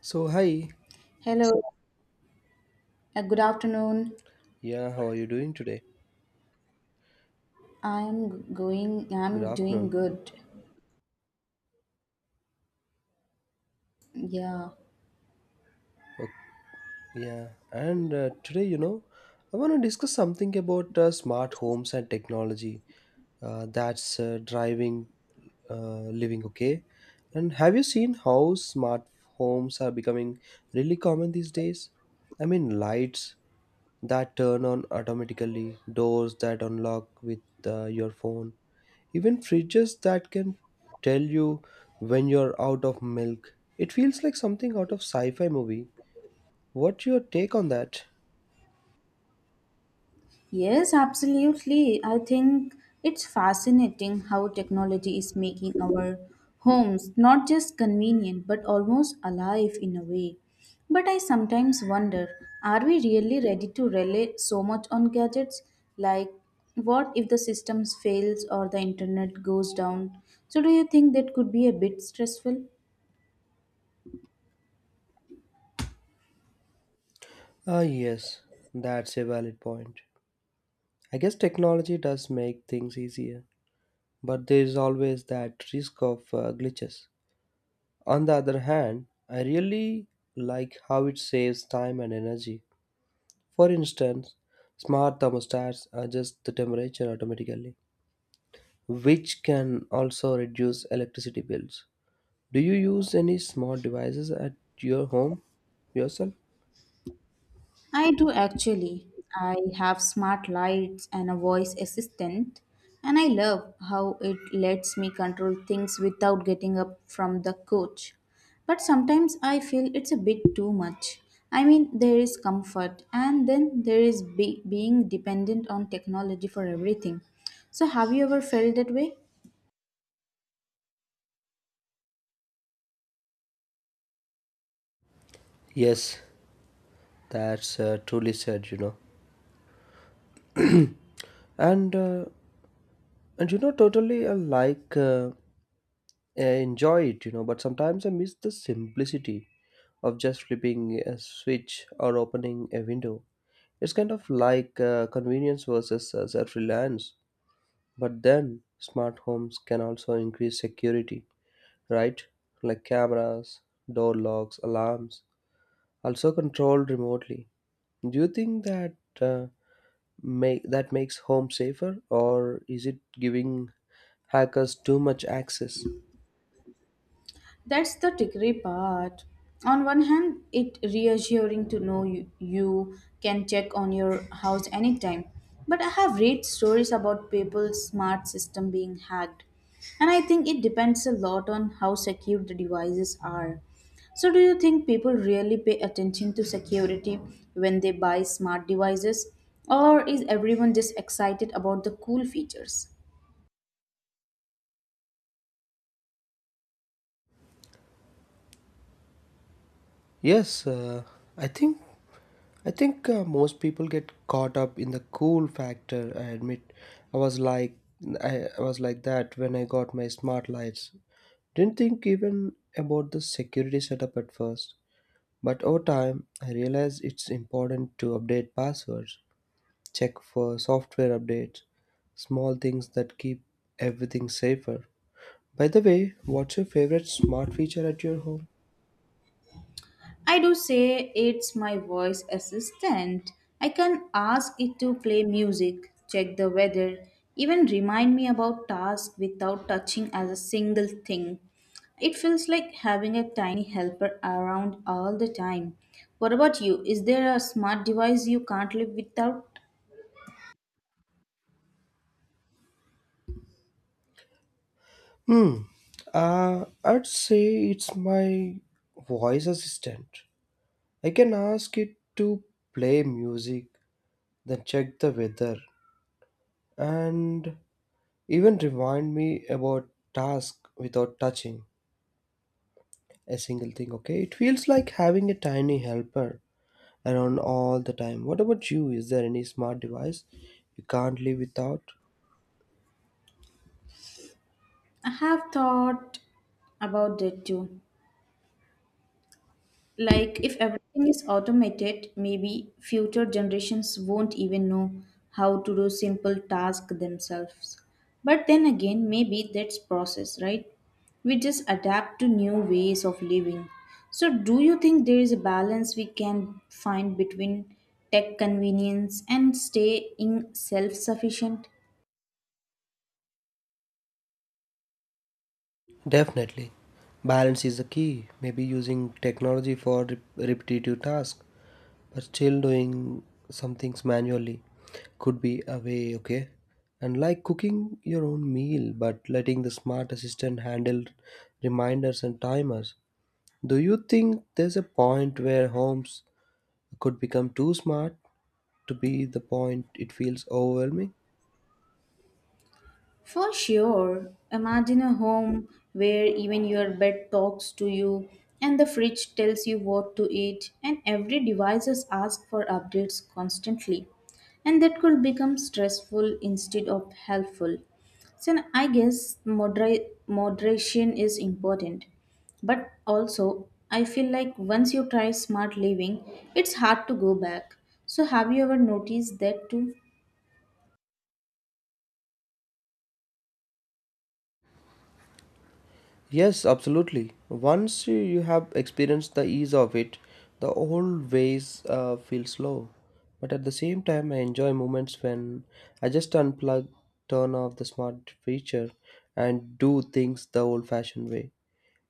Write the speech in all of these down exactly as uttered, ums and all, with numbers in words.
So, hi. Hello, uh, good afternoon. Yeah, how are you doing today? I'm going, Good I'm doing afternoon. good. Yeah. Okay, yeah, and uh, today, you know, I want to discuss something about uh, smart homes and technology uh, that's uh, driving uh, living, okay? And have you seen how smart homes are becoming really common these days? I mean, lights that turn on automatically, doors that unlock with uh, your phone. Even fridges that can tell you when you're out of milk. It feels like something out of sci fi movie. What's your take on that? Yes, absolutely. I think it's fascinating how technology is making our homes not just convenient but almost alive in a way. But I sometimes wonder, are we really ready to rely so much on gadgets? Like, what if the systems fails or the internet goes down? So do you think that could be a bit stressful? Ah, yes, that's a valid point. I guess technology does make things easier, but there is always that risk of uh, glitches. On the other hand, I really like how it saves time and energy. For instance, smart thermostats adjust the temperature automatically, which can also reduce electricity bills. Do you use any smart devices at your home yourself? I do actually. I have smart lights and a voice assistant, and I love how it lets me control things without getting up from the couch. But sometimes I feel it's a bit too much. I mean, there is comfort, and then there is be- being dependent on technology for everything. So, have you ever felt that way? Yes, that's uh, truly said, you know. and uh, and you know totally I like uh, I enjoy it, you know, but sometimes I miss the simplicity of just flipping a switch or opening a window. It's kind of like uh, convenience versus uh, self-reliance. But then smart homes can also increase security, right? Like cameras, door locks, alarms, also controlled remotely. Do you think that uh, make that makes home safer, or is it giving hackers too much access? That's the trickery part. On one hand, it reassuring to know you, you can check on your house anytime. But I have read stories about people's smart system being hacked. And I think it depends a lot on how secure the devices are. So do you think people really pay attention to security when they buy smart devices? Or is everyone just excited about the cool features? Yes, uh, I think I think uh, most people get caught up in the cool factor. I admit, I was like I, I was like that when I got my smart lights. Didn't think even about the security setup at first, but over time I realized it's important to update passwords, check for software updates, small things that keep everything safer. By the way, what's your favorite smart feature at your home? I do say it's my voice assistant. I can ask it to play music, check the weather, even remind me about tasks without touching as a single thing. It feels like having a tiny helper around all the time. What about you? Is there a smart device you can't live without? Hmm. Uh, I'd say it's my voice assistant. I can ask it to play music, then check the weather, and even remind me about tasks without touching a single thing. Okay, it feels like having a tiny helper around all the time. What about you? Is there any smart device you can't live without? I have thought about that too. Like, if everything is automated, maybe future generations won't even know how to do simple tasks themselves. But then again, maybe that's process, right? We just adapt to new ways of living. So, do you think there is a balance we can find between tech convenience and staying self sufficient? Definitely. Balance is the key. Maybe using technology for rep- repetitive tasks, but still doing some things manually could be a way, okay? And like cooking your own meal, but letting the smart assistant handle reminders and timers. Do you think there's a point where homes could become too smart to be the point it feels overwhelming? For sure. Imagine a home where even your bed talks to you and the fridge tells you what to eat and every device is asked for updates constantly. And that could become stressful instead of helpful. So I guess modera- moderation is important. But also, I feel like once you try smart living, it's hard to go back. So have you ever noticed that too? Yes, absolutely. Once you you have experienced the ease of it, the old ways uh, feel slow. But at the same time, I enjoy moments when I just unplug, turn off the smart feature, and do things the old fashioned way.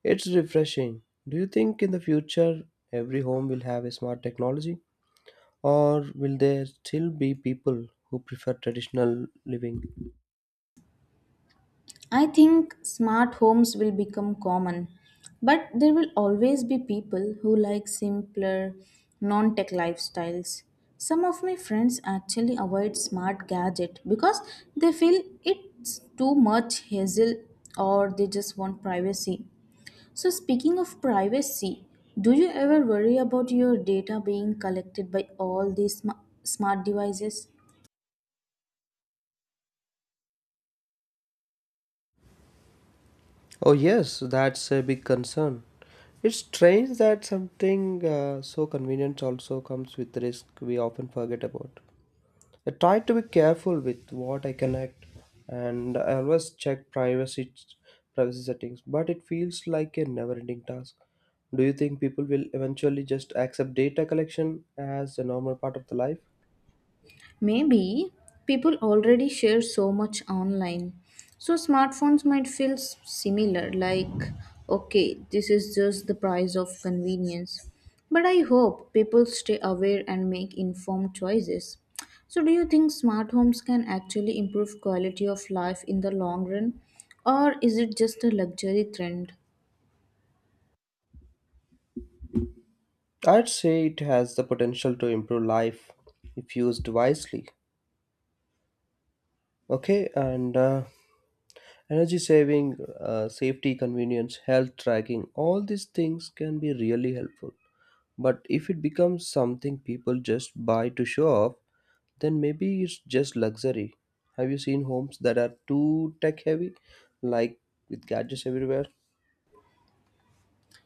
It's refreshing. Do you think in the future every home will have a smart technology? Or will there still be people who prefer traditional living? I think smart homes will become common, but there will always be people who like simpler, non tech lifestyles. Some of my friends actually avoid smart gadget because they feel it's too much hassle or they just want privacy. So speaking of privacy, do you ever worry about your data being collected by all these sma- smart devices? Oh, yes, that's a big concern. It's strange that something uh, so convenient also comes with risk we often forget about. I try to be careful with what I connect and I always check privacy privacy settings, but it feels like a never-ending task. Do you think people will eventually just accept data collection as a normal part of the life? Maybe people already share so much online. So smartphones might feel s- similar, like, okay, this is just the price of convenience. But I hope people stay aware and make informed choices. So, do you think smart homes can actually improve quality of life in the long run, or is it just a luxury trend? I'd say it has the potential to improve life if used wisely. Okay, and uh, energy saving uh, safety convenience health tracking all these things can be really helpful, but if it becomes something people just buy to show off, then maybe it's just luxury. Have you seen homes that are too tech heavy, like with gadgets everywhere?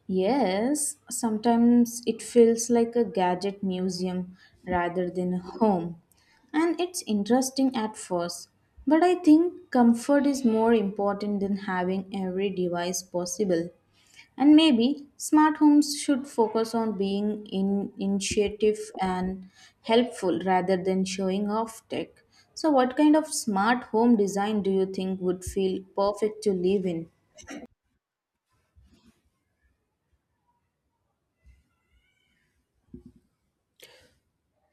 Yes, sometimes it feels like a gadget museum rather than a home. And it's interesting at first, but I think comfort is more important than having every device possible. And maybe smart homes should focus on being in- initiative and helpful rather than showing off tech. So, what kind of smart home design do you think would feel perfect to live in?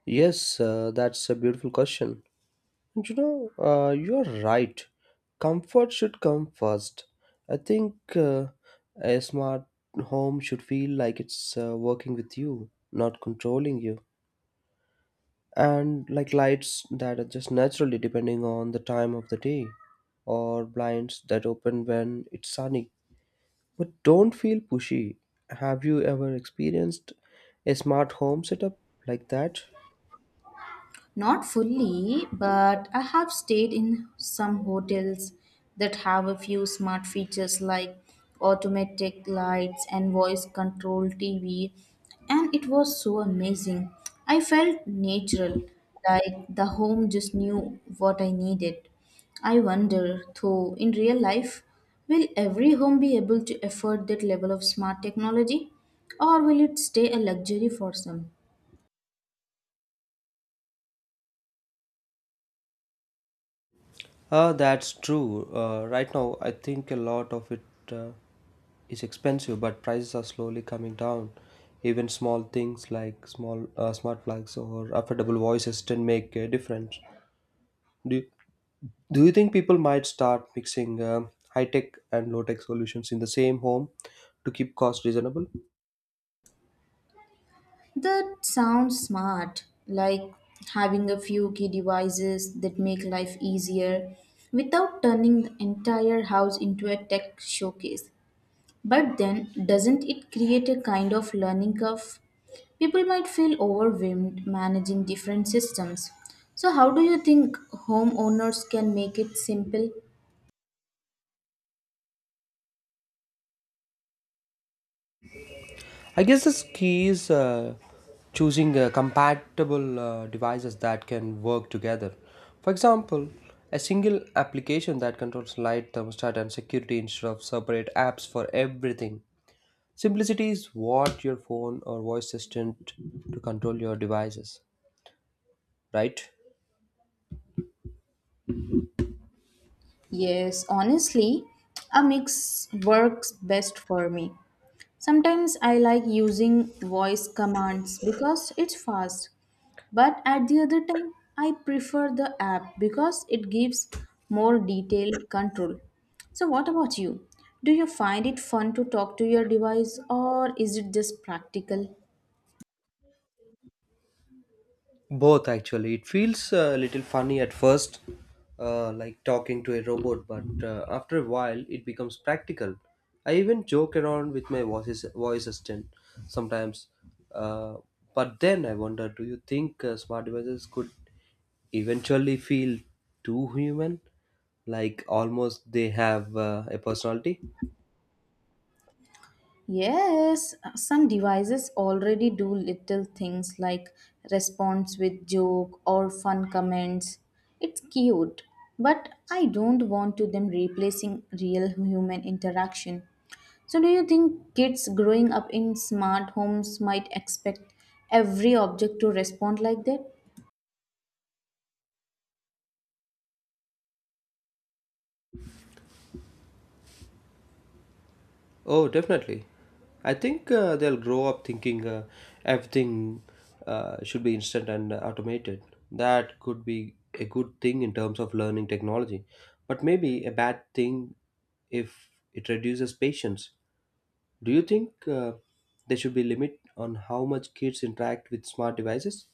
Yes, uh, that's a beautiful question. You know, uh, you're right. Comfort should come first. I think uh, a smart home should feel like it's uh, working with you, not controlling you. And like lights that are just naturally depending on the time of the day, or blinds that open when it's sunny. But don't feel pushy. Have you ever experienced a smart home setup like that? Not fully, but I have stayed in some hotels that have a few smart features like automatic lights and voice control T V, and it was so amazing. I felt natural, like the home just knew what I needed. I wonder, though, in real life, will every home be able to afford that level of smart technology, or will it stay a luxury for some? Uh, that's true. Uh, right now, I think a lot of it. Uh, is expensive, but prices are slowly coming down. Even small things like small uh, smart plugs or affordable voice assistant make a difference. Do you, Do you think people might start mixing uh, high tech and low tech solutions in the same home to keep costs reasonable? That sounds smart, like having a few key devices that make life easier without turning the entire house into a tech showcase. But then, doesn't it create a kind of learning curve? People might feel overwhelmed managing different systems. So, how do you think homeowners can make it simple? I guess the key is uh, choosing uh, compatible uh, devices that can work together. For example, a single application that controls light, thermostat, and security instead of separate apps for everything. Simplicity is what your phone or voice assistant to control your devices, right? Yes, honestly, a mix works best for me. Sometimes I like using voice commands because it's fast, but at the other time, I prefer the app because it gives more detailed control. So, what about you? Do you find it fun to talk to your device or is it just practical? Both actually. It feels a little funny at first, uh, like talking to a robot, but uh, after a while it becomes practical. I even joke around with my voice voice assistant sometimes, uh, but then I wonder: do you think uh, smart devices could eventually feel too human, like almost they have uh, a personality? Yes, some devices already do little things like response with joke or fun comments. It's cute, but I don't want to them replacing real human interaction. So do you think kids growing up in smart homes might expect every object to respond like that? Oh, definitely. I think uh, they'll grow up thinking uh, everything uh, should be instant and automated. That could be a good thing in terms of learning technology, but maybe a bad thing if it reduces patience. Do you think uh, there should be limit on how much kids interact with smart devices?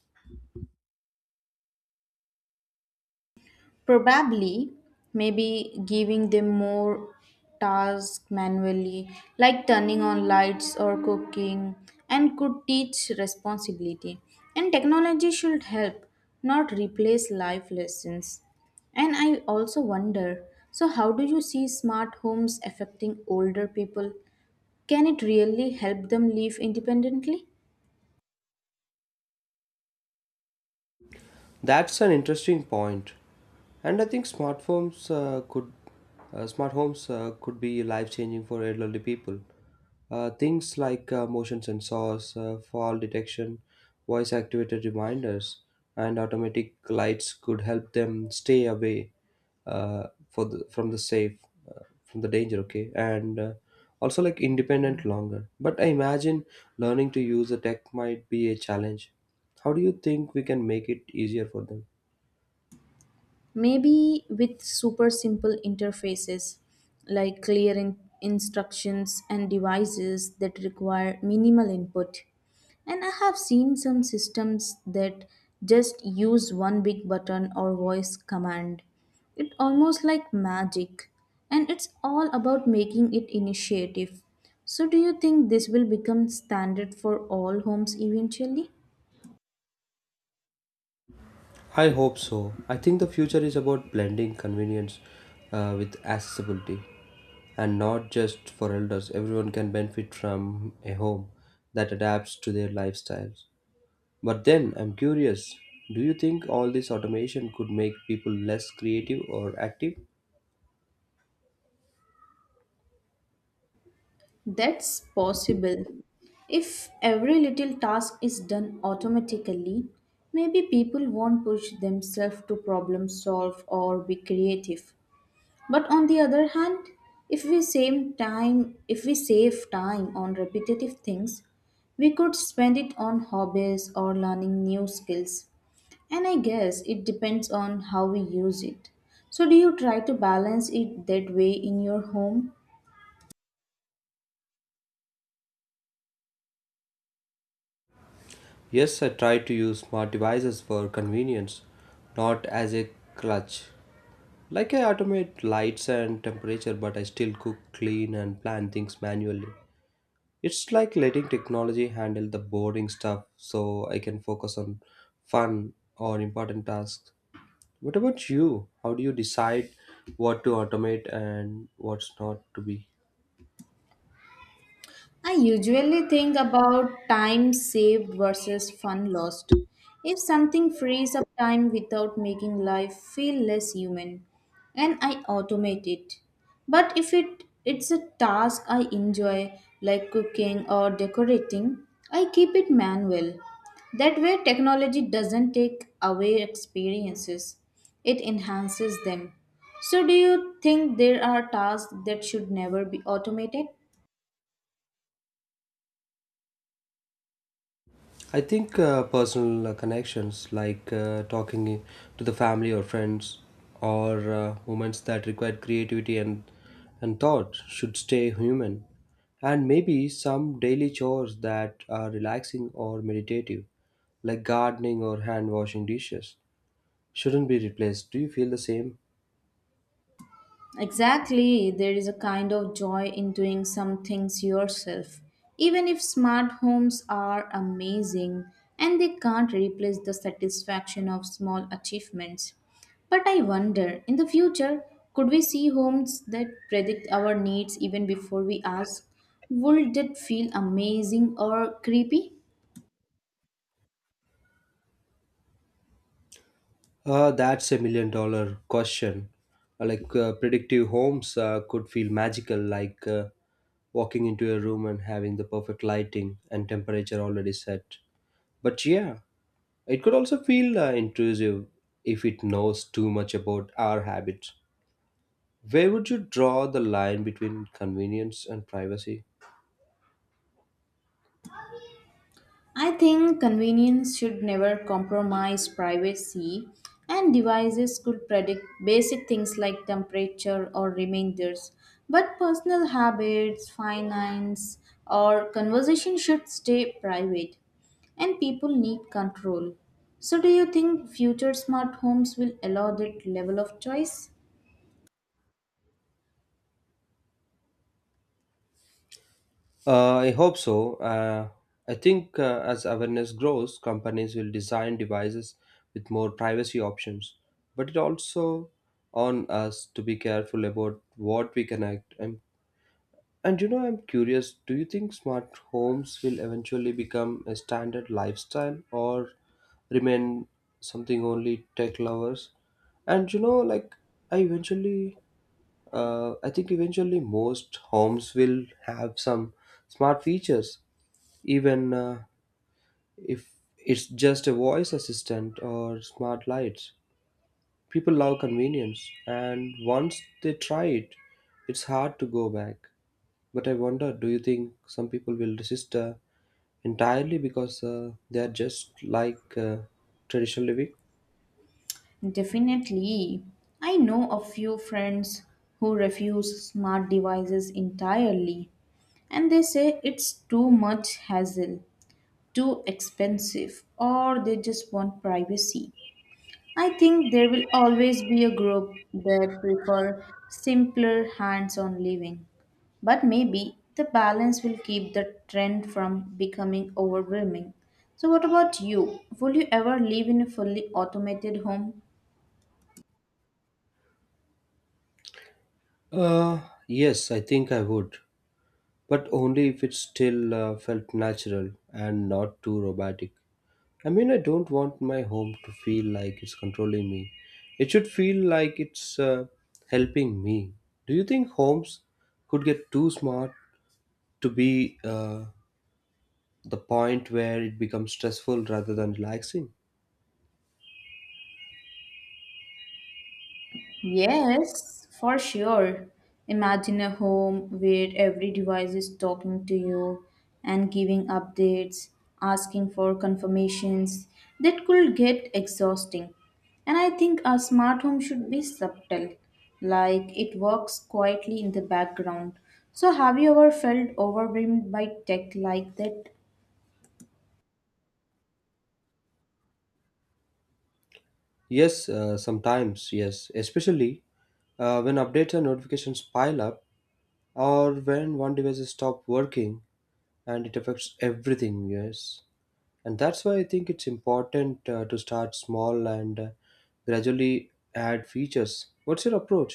Probably, maybe giving them more tasks manually, like turning on lights or cooking, and could teach responsibility. And technology should help, not replace life lessons. And I also wonder so, how do you see smart homes affecting older people? Can it really help them live independently? That's an interesting point. And I think smartphones uh, could, uh, smart homes uh, could be life changing for elderly people. Uh, things like uh, motion sensors, uh, fall detection, voice activated reminders, and automatic lights could help them stay away uh, for the, from the safe, uh, from the danger. Okay, and uh, also like independent longer. But I imagine learning to use the tech might be a challenge. How do you think we can make it easier for them? Maybe with super simple interfaces like clear in- instructions and devices that require minimal input, and I have seen some systems that just use one big button or voice command. It almost like magic, and it's all about making it initiative. So do you think this will become standard for all homes eventually? I hope so. I think the future is about blending convenience uh, with accessibility, and not just for elders. Everyone can benefit from a home that adapts to their lifestyles. But then I'm curious, do you think all this automation could make people less creative or active? That's possible. If every little task is done automatically, maybe people won't push themselves to problem solve or be creative. But on the other hand, if we save time, if we save time on repetitive things, we could spend it on hobbies or learning new skills. And I guess it depends on how we use it. So do you try to balance it that way in your home? Yes, I try to use smart devices for convenience, not as a clutch. Like I automate lights and temperature, but I still cook, clean, and plan things manually. It's like letting technology handle the boring stuff so I can focus on fun or important tasks. What about you? How do you decide what to automate and what's not to be? I usually think about time saved versus fun lost. If something frees up time without making life feel less human, and I automate it. But if it it's a task I enjoy like cooking or decorating, I keep it manual. That way technology doesn't take away experiences. It enhances them. So do you think there are tasks that should never be automated? I think uh, personal uh, connections, like uh, talking to the family or friends, or uh, moments that require creativity and and thought, should stay human. And maybe some daily chores that are relaxing or meditative, like gardening or hand washing dishes, shouldn't be replaced. Do you feel the same? Exactly, there is a kind of joy in doing some things yourself. Even if smart homes are amazing and they can't replace the satisfaction of small achievements. But I wonder, in the future, could we see homes that predict our needs even before we ask? Would it feel amazing or creepy? Uh, that's a million dollar question. Uh, Like uh, predictive homes uh, could feel magical, like uh, walking into a room and having the perfect lighting and temperature already set. But yeah, it could also feel uh, intrusive if it knows too much about our habits. Where would you draw the line between convenience and privacy? I think convenience should never compromise privacy, and devices could predict basic things like temperature or reminders. But personal habits, finance, or conversation should stay private, and people need control. So, do you think future smart homes will allow that level of choice? Uh, I hope so. Uh, I think uh, as awareness grows, companies will design devices with more privacy options. But it also on us to be careful about what we connect. And, and you know, I'm curious. Do you think smart homes will eventually become a standard lifestyle or remain something only tech lovers? And you know, like I eventually, uh, I think eventually most homes will have some smart features, even uh, if it's just a voice assistant or smart lights. People love convenience, and once they try it, it's hard to go back. But I wonder, do you think some people will resist uh, entirely because uh, they are just like uh, traditional living? Definitely. I know a few friends who refuse smart devices entirely and they say it's too much hassle, too expensive, or they just want privacy. I think there will always be a group that prefer simpler hands-on living, but maybe the balance will keep the trend from becoming overwhelming. So what about you? Will you ever live in a fully automated home? Uh, yes, I think I would, but only if it still uh, felt natural and not too robotic. I mean, I don't want my home to feel like it's controlling me. It should feel like it's uh, helping me. Do you think homes could get too smart to be uh, the point where it becomes stressful rather than relaxing? Yes, for sure. Imagine a home where every device is talking to you and giving updates, asking for confirmations. That could get exhausting. And I think a smart home should be subtle, like it works quietly in the background. So, have you ever felt overwhelmed by tech like that? Yes, uh, sometimes, yes. Especially uh, when updates and notifications pile up or when one device stops working and it affects everything, yes. And that's why I think it's important uh, to start small and uh, gradually add features. What's your approach?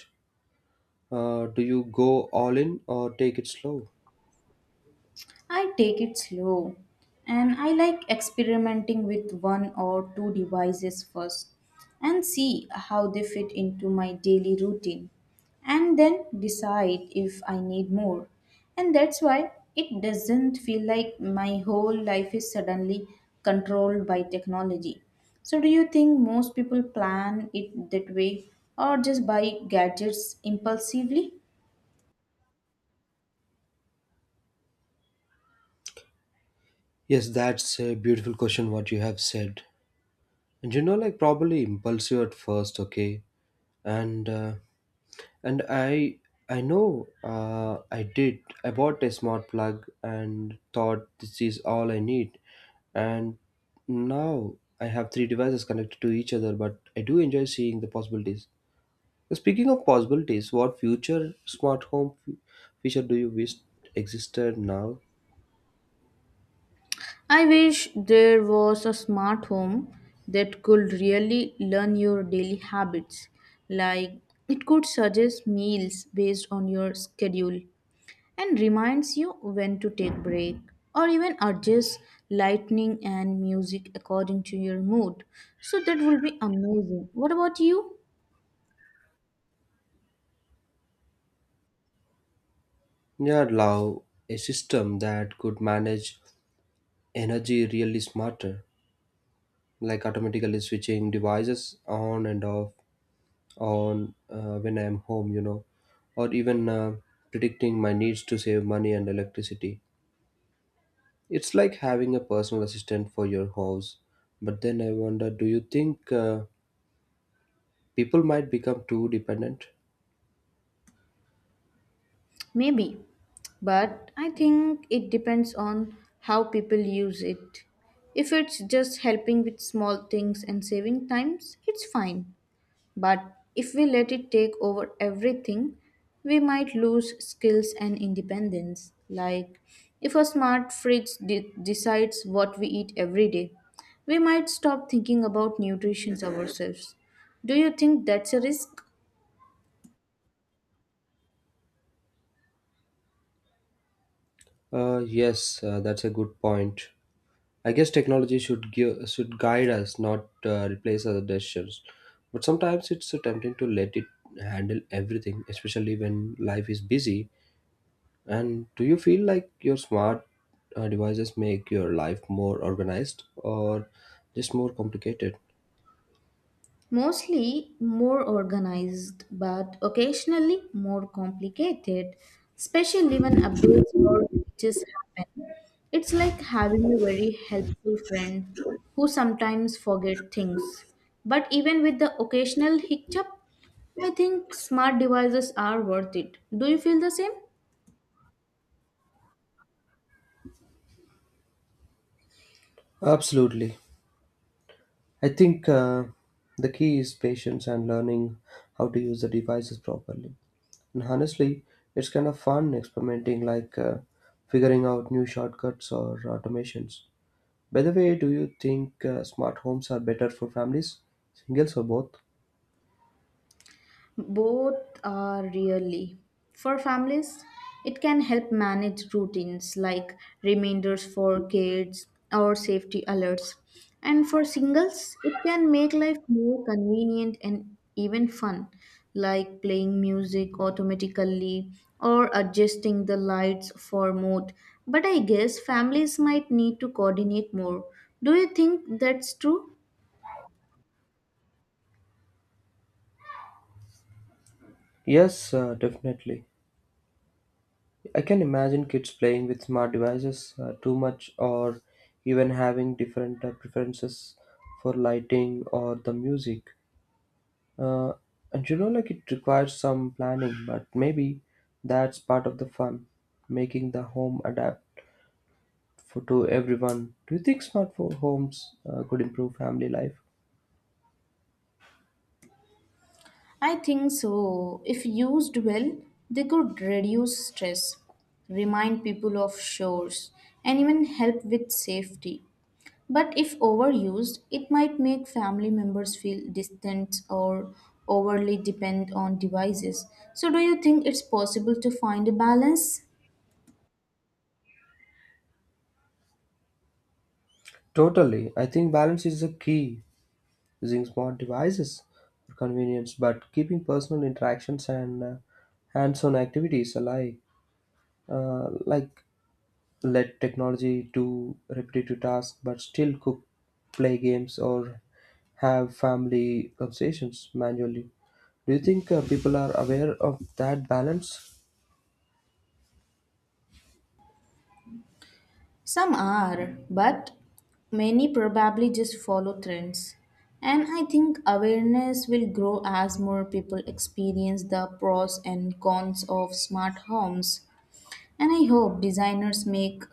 uh, Do you go all in or take it slow? I take it slow and I like experimenting with one or two devices first and see how they fit into my daily routine and then decide if I need more. And that's why it doesn't feel like my whole life is suddenly controlled by technology. So, do you think most people plan it that way or just buy gadgets impulsively? Yes, that's a beautiful question what you have said. And you know, like probably impulsive at first, okay, and uh, And I I know, uh, I did. I bought a smart plug and thought this is all I need. And now I have three devices connected to each other, but I do enjoy seeing the possibilities. Speaking of possibilities, what future smart home f- feature do you wish existed now? I wish there was a smart home that could really learn your daily habits. Like it could suggest meals based on your schedule and reminds you when to take break or even adjust lighting and music according to your mood. So that will be amazing. What about you? Yeah, I'd love a system that could manage energy really smarter, like automatically switching devices on and off on uh, when I'm home, you know, or even uh, predicting my needs to save money and electricity. It's like having a personal assistant for your house. But then I wonder, do you think uh, people might become too dependent? Maybe, but I think it depends on how people use it. If it's just helping with small things and saving times, it's fine. But if we let it take over everything, we might lose skills and independence. Like if a smart fridge de- decides what we eat every day, we might stop thinking about nutrition ourselves. Do you think that's a risk? Uh, yes, uh, that's a good point. I guess technology should give should guide us, not uh, replace our decisions. But sometimes it's so tempting to let it handle everything, especially when life is busy. And do you feel like your smart uh, devices make your life more organized or just more complicated? Mostly more organized, but occasionally more complicated, especially when updates or glitches happen. It's like having a very helpful friend who sometimes forget things. But even with the occasional hiccup, I think smart devices are worth it. Do you feel the same? Absolutely. I think uh, the key is patience and learning how to use the devices properly. And honestly, it's kind of fun experimenting, like uh, figuring out new shortcuts or automations. By the way, do you think uh, smart homes are better for families, singles, or both? Both are really. For families, it can help manage routines like reminders for kids or safety alerts. And for singles, it can make life more convenient and even fun, like playing music automatically or adjusting the lights for mode. But I guess families might need to coordinate more. Do you think that's true? Yes, uh, definitely. I can imagine kids playing with smart devices uh, too much or even having different uh, preferences for lighting or the music. Uh, and you know, like it requires some planning, but maybe that's part of the fun, making the home adapt for to everyone. Do you think smart fo- homes uh, could improve family life? I think so. If used well, they could reduce stress, remind people of shores, and even help with safety. But if overused, it might make family members feel distant or overly depend on devices. So, do you think it's possible to find a balance? Totally. I think balance is the key. Using smart devices for convenience, but keeping personal interactions and uh, hands-on activities alive. uh, like let technology do repetitive tasks, but still cook, play games, or have family conversations manually. Do you think uh, people are aware of that balance? Some are, but many probably just follow trends. And I think awareness will grow as more people experience the pros and cons of smart homes. And I hope designers make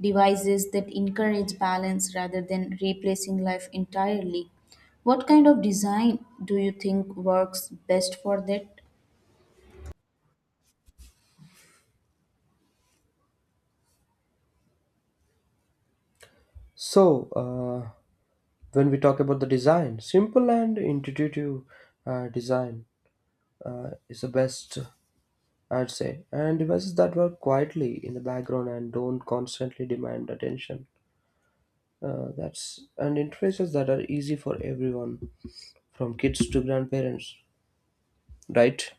devices that encourage balance rather than replacing life entirely. What kind of design do you think works best for that? So, uh, when we talk about the design, simple and intuitive uh, design uh, is the best, I'd say, and devices that work quietly in the background and don't constantly demand attention. Uh, that's and interests that are easy for everyone, from kids to grandparents, right?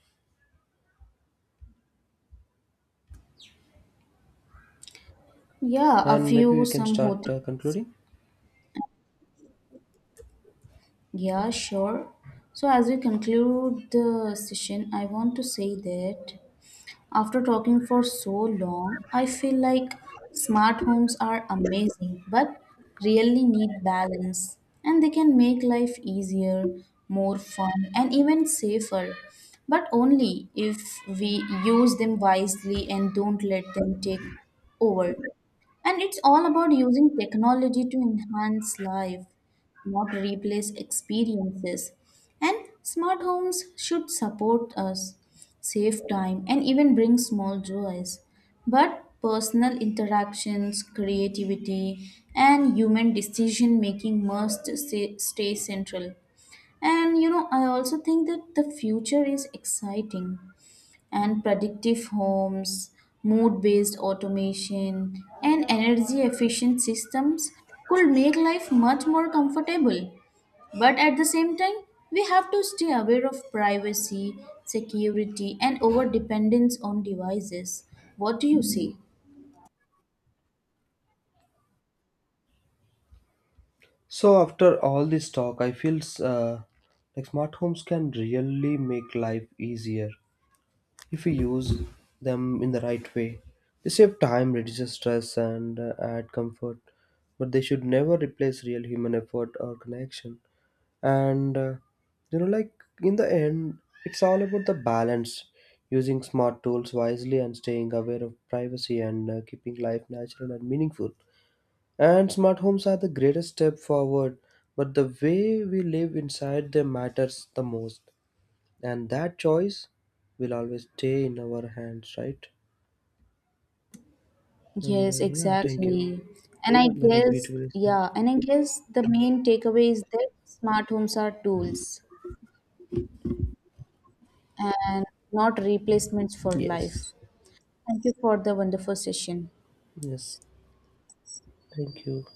Yeah, a And maybe few, we can some start hotels. uh, concluding. Yeah, sure. So, as we conclude the session, I want to say that after talking for so long, I feel like smart homes are amazing, but really need balance. And they can make life easier, more fun, and even safer. But only if we use them wisely and don't let them take over. And it's all about using technology to enhance life not replace experiences. And smart homes should support us, save time, and even bring small joys. But personal interactions, creativity, and human decision making must stay, stay central. And you know, I also think that the future is exciting and predictive homes, mood based automation, and energy efficient systems could make life much more comfortable. But at the same time, we have to stay aware of privacy, security, and over dependence on devices. What do you say? So after all this talk, I feel uh, like smart homes can really make life easier if we use them in the right way. They save time, reduce stress, and uh, add comfort, but they should never replace real human effort or connection. And uh, You know, like in the end, it's all about the balance, using smart tools wisely and staying aware of privacy, and uh, keeping life natural and meaningful. And smart homes are the greatest step forward, but the way we live inside them matters the most, and that choice will always stay in our hands, right? and Yes, uh, Yeah, thank you. exactly. And I That was guess, beautifully said. yeah, and I guess the main takeaway is that smart homes are tools and not replacements for Yes. life. Thank you for the wonderful session. Yes, thank you.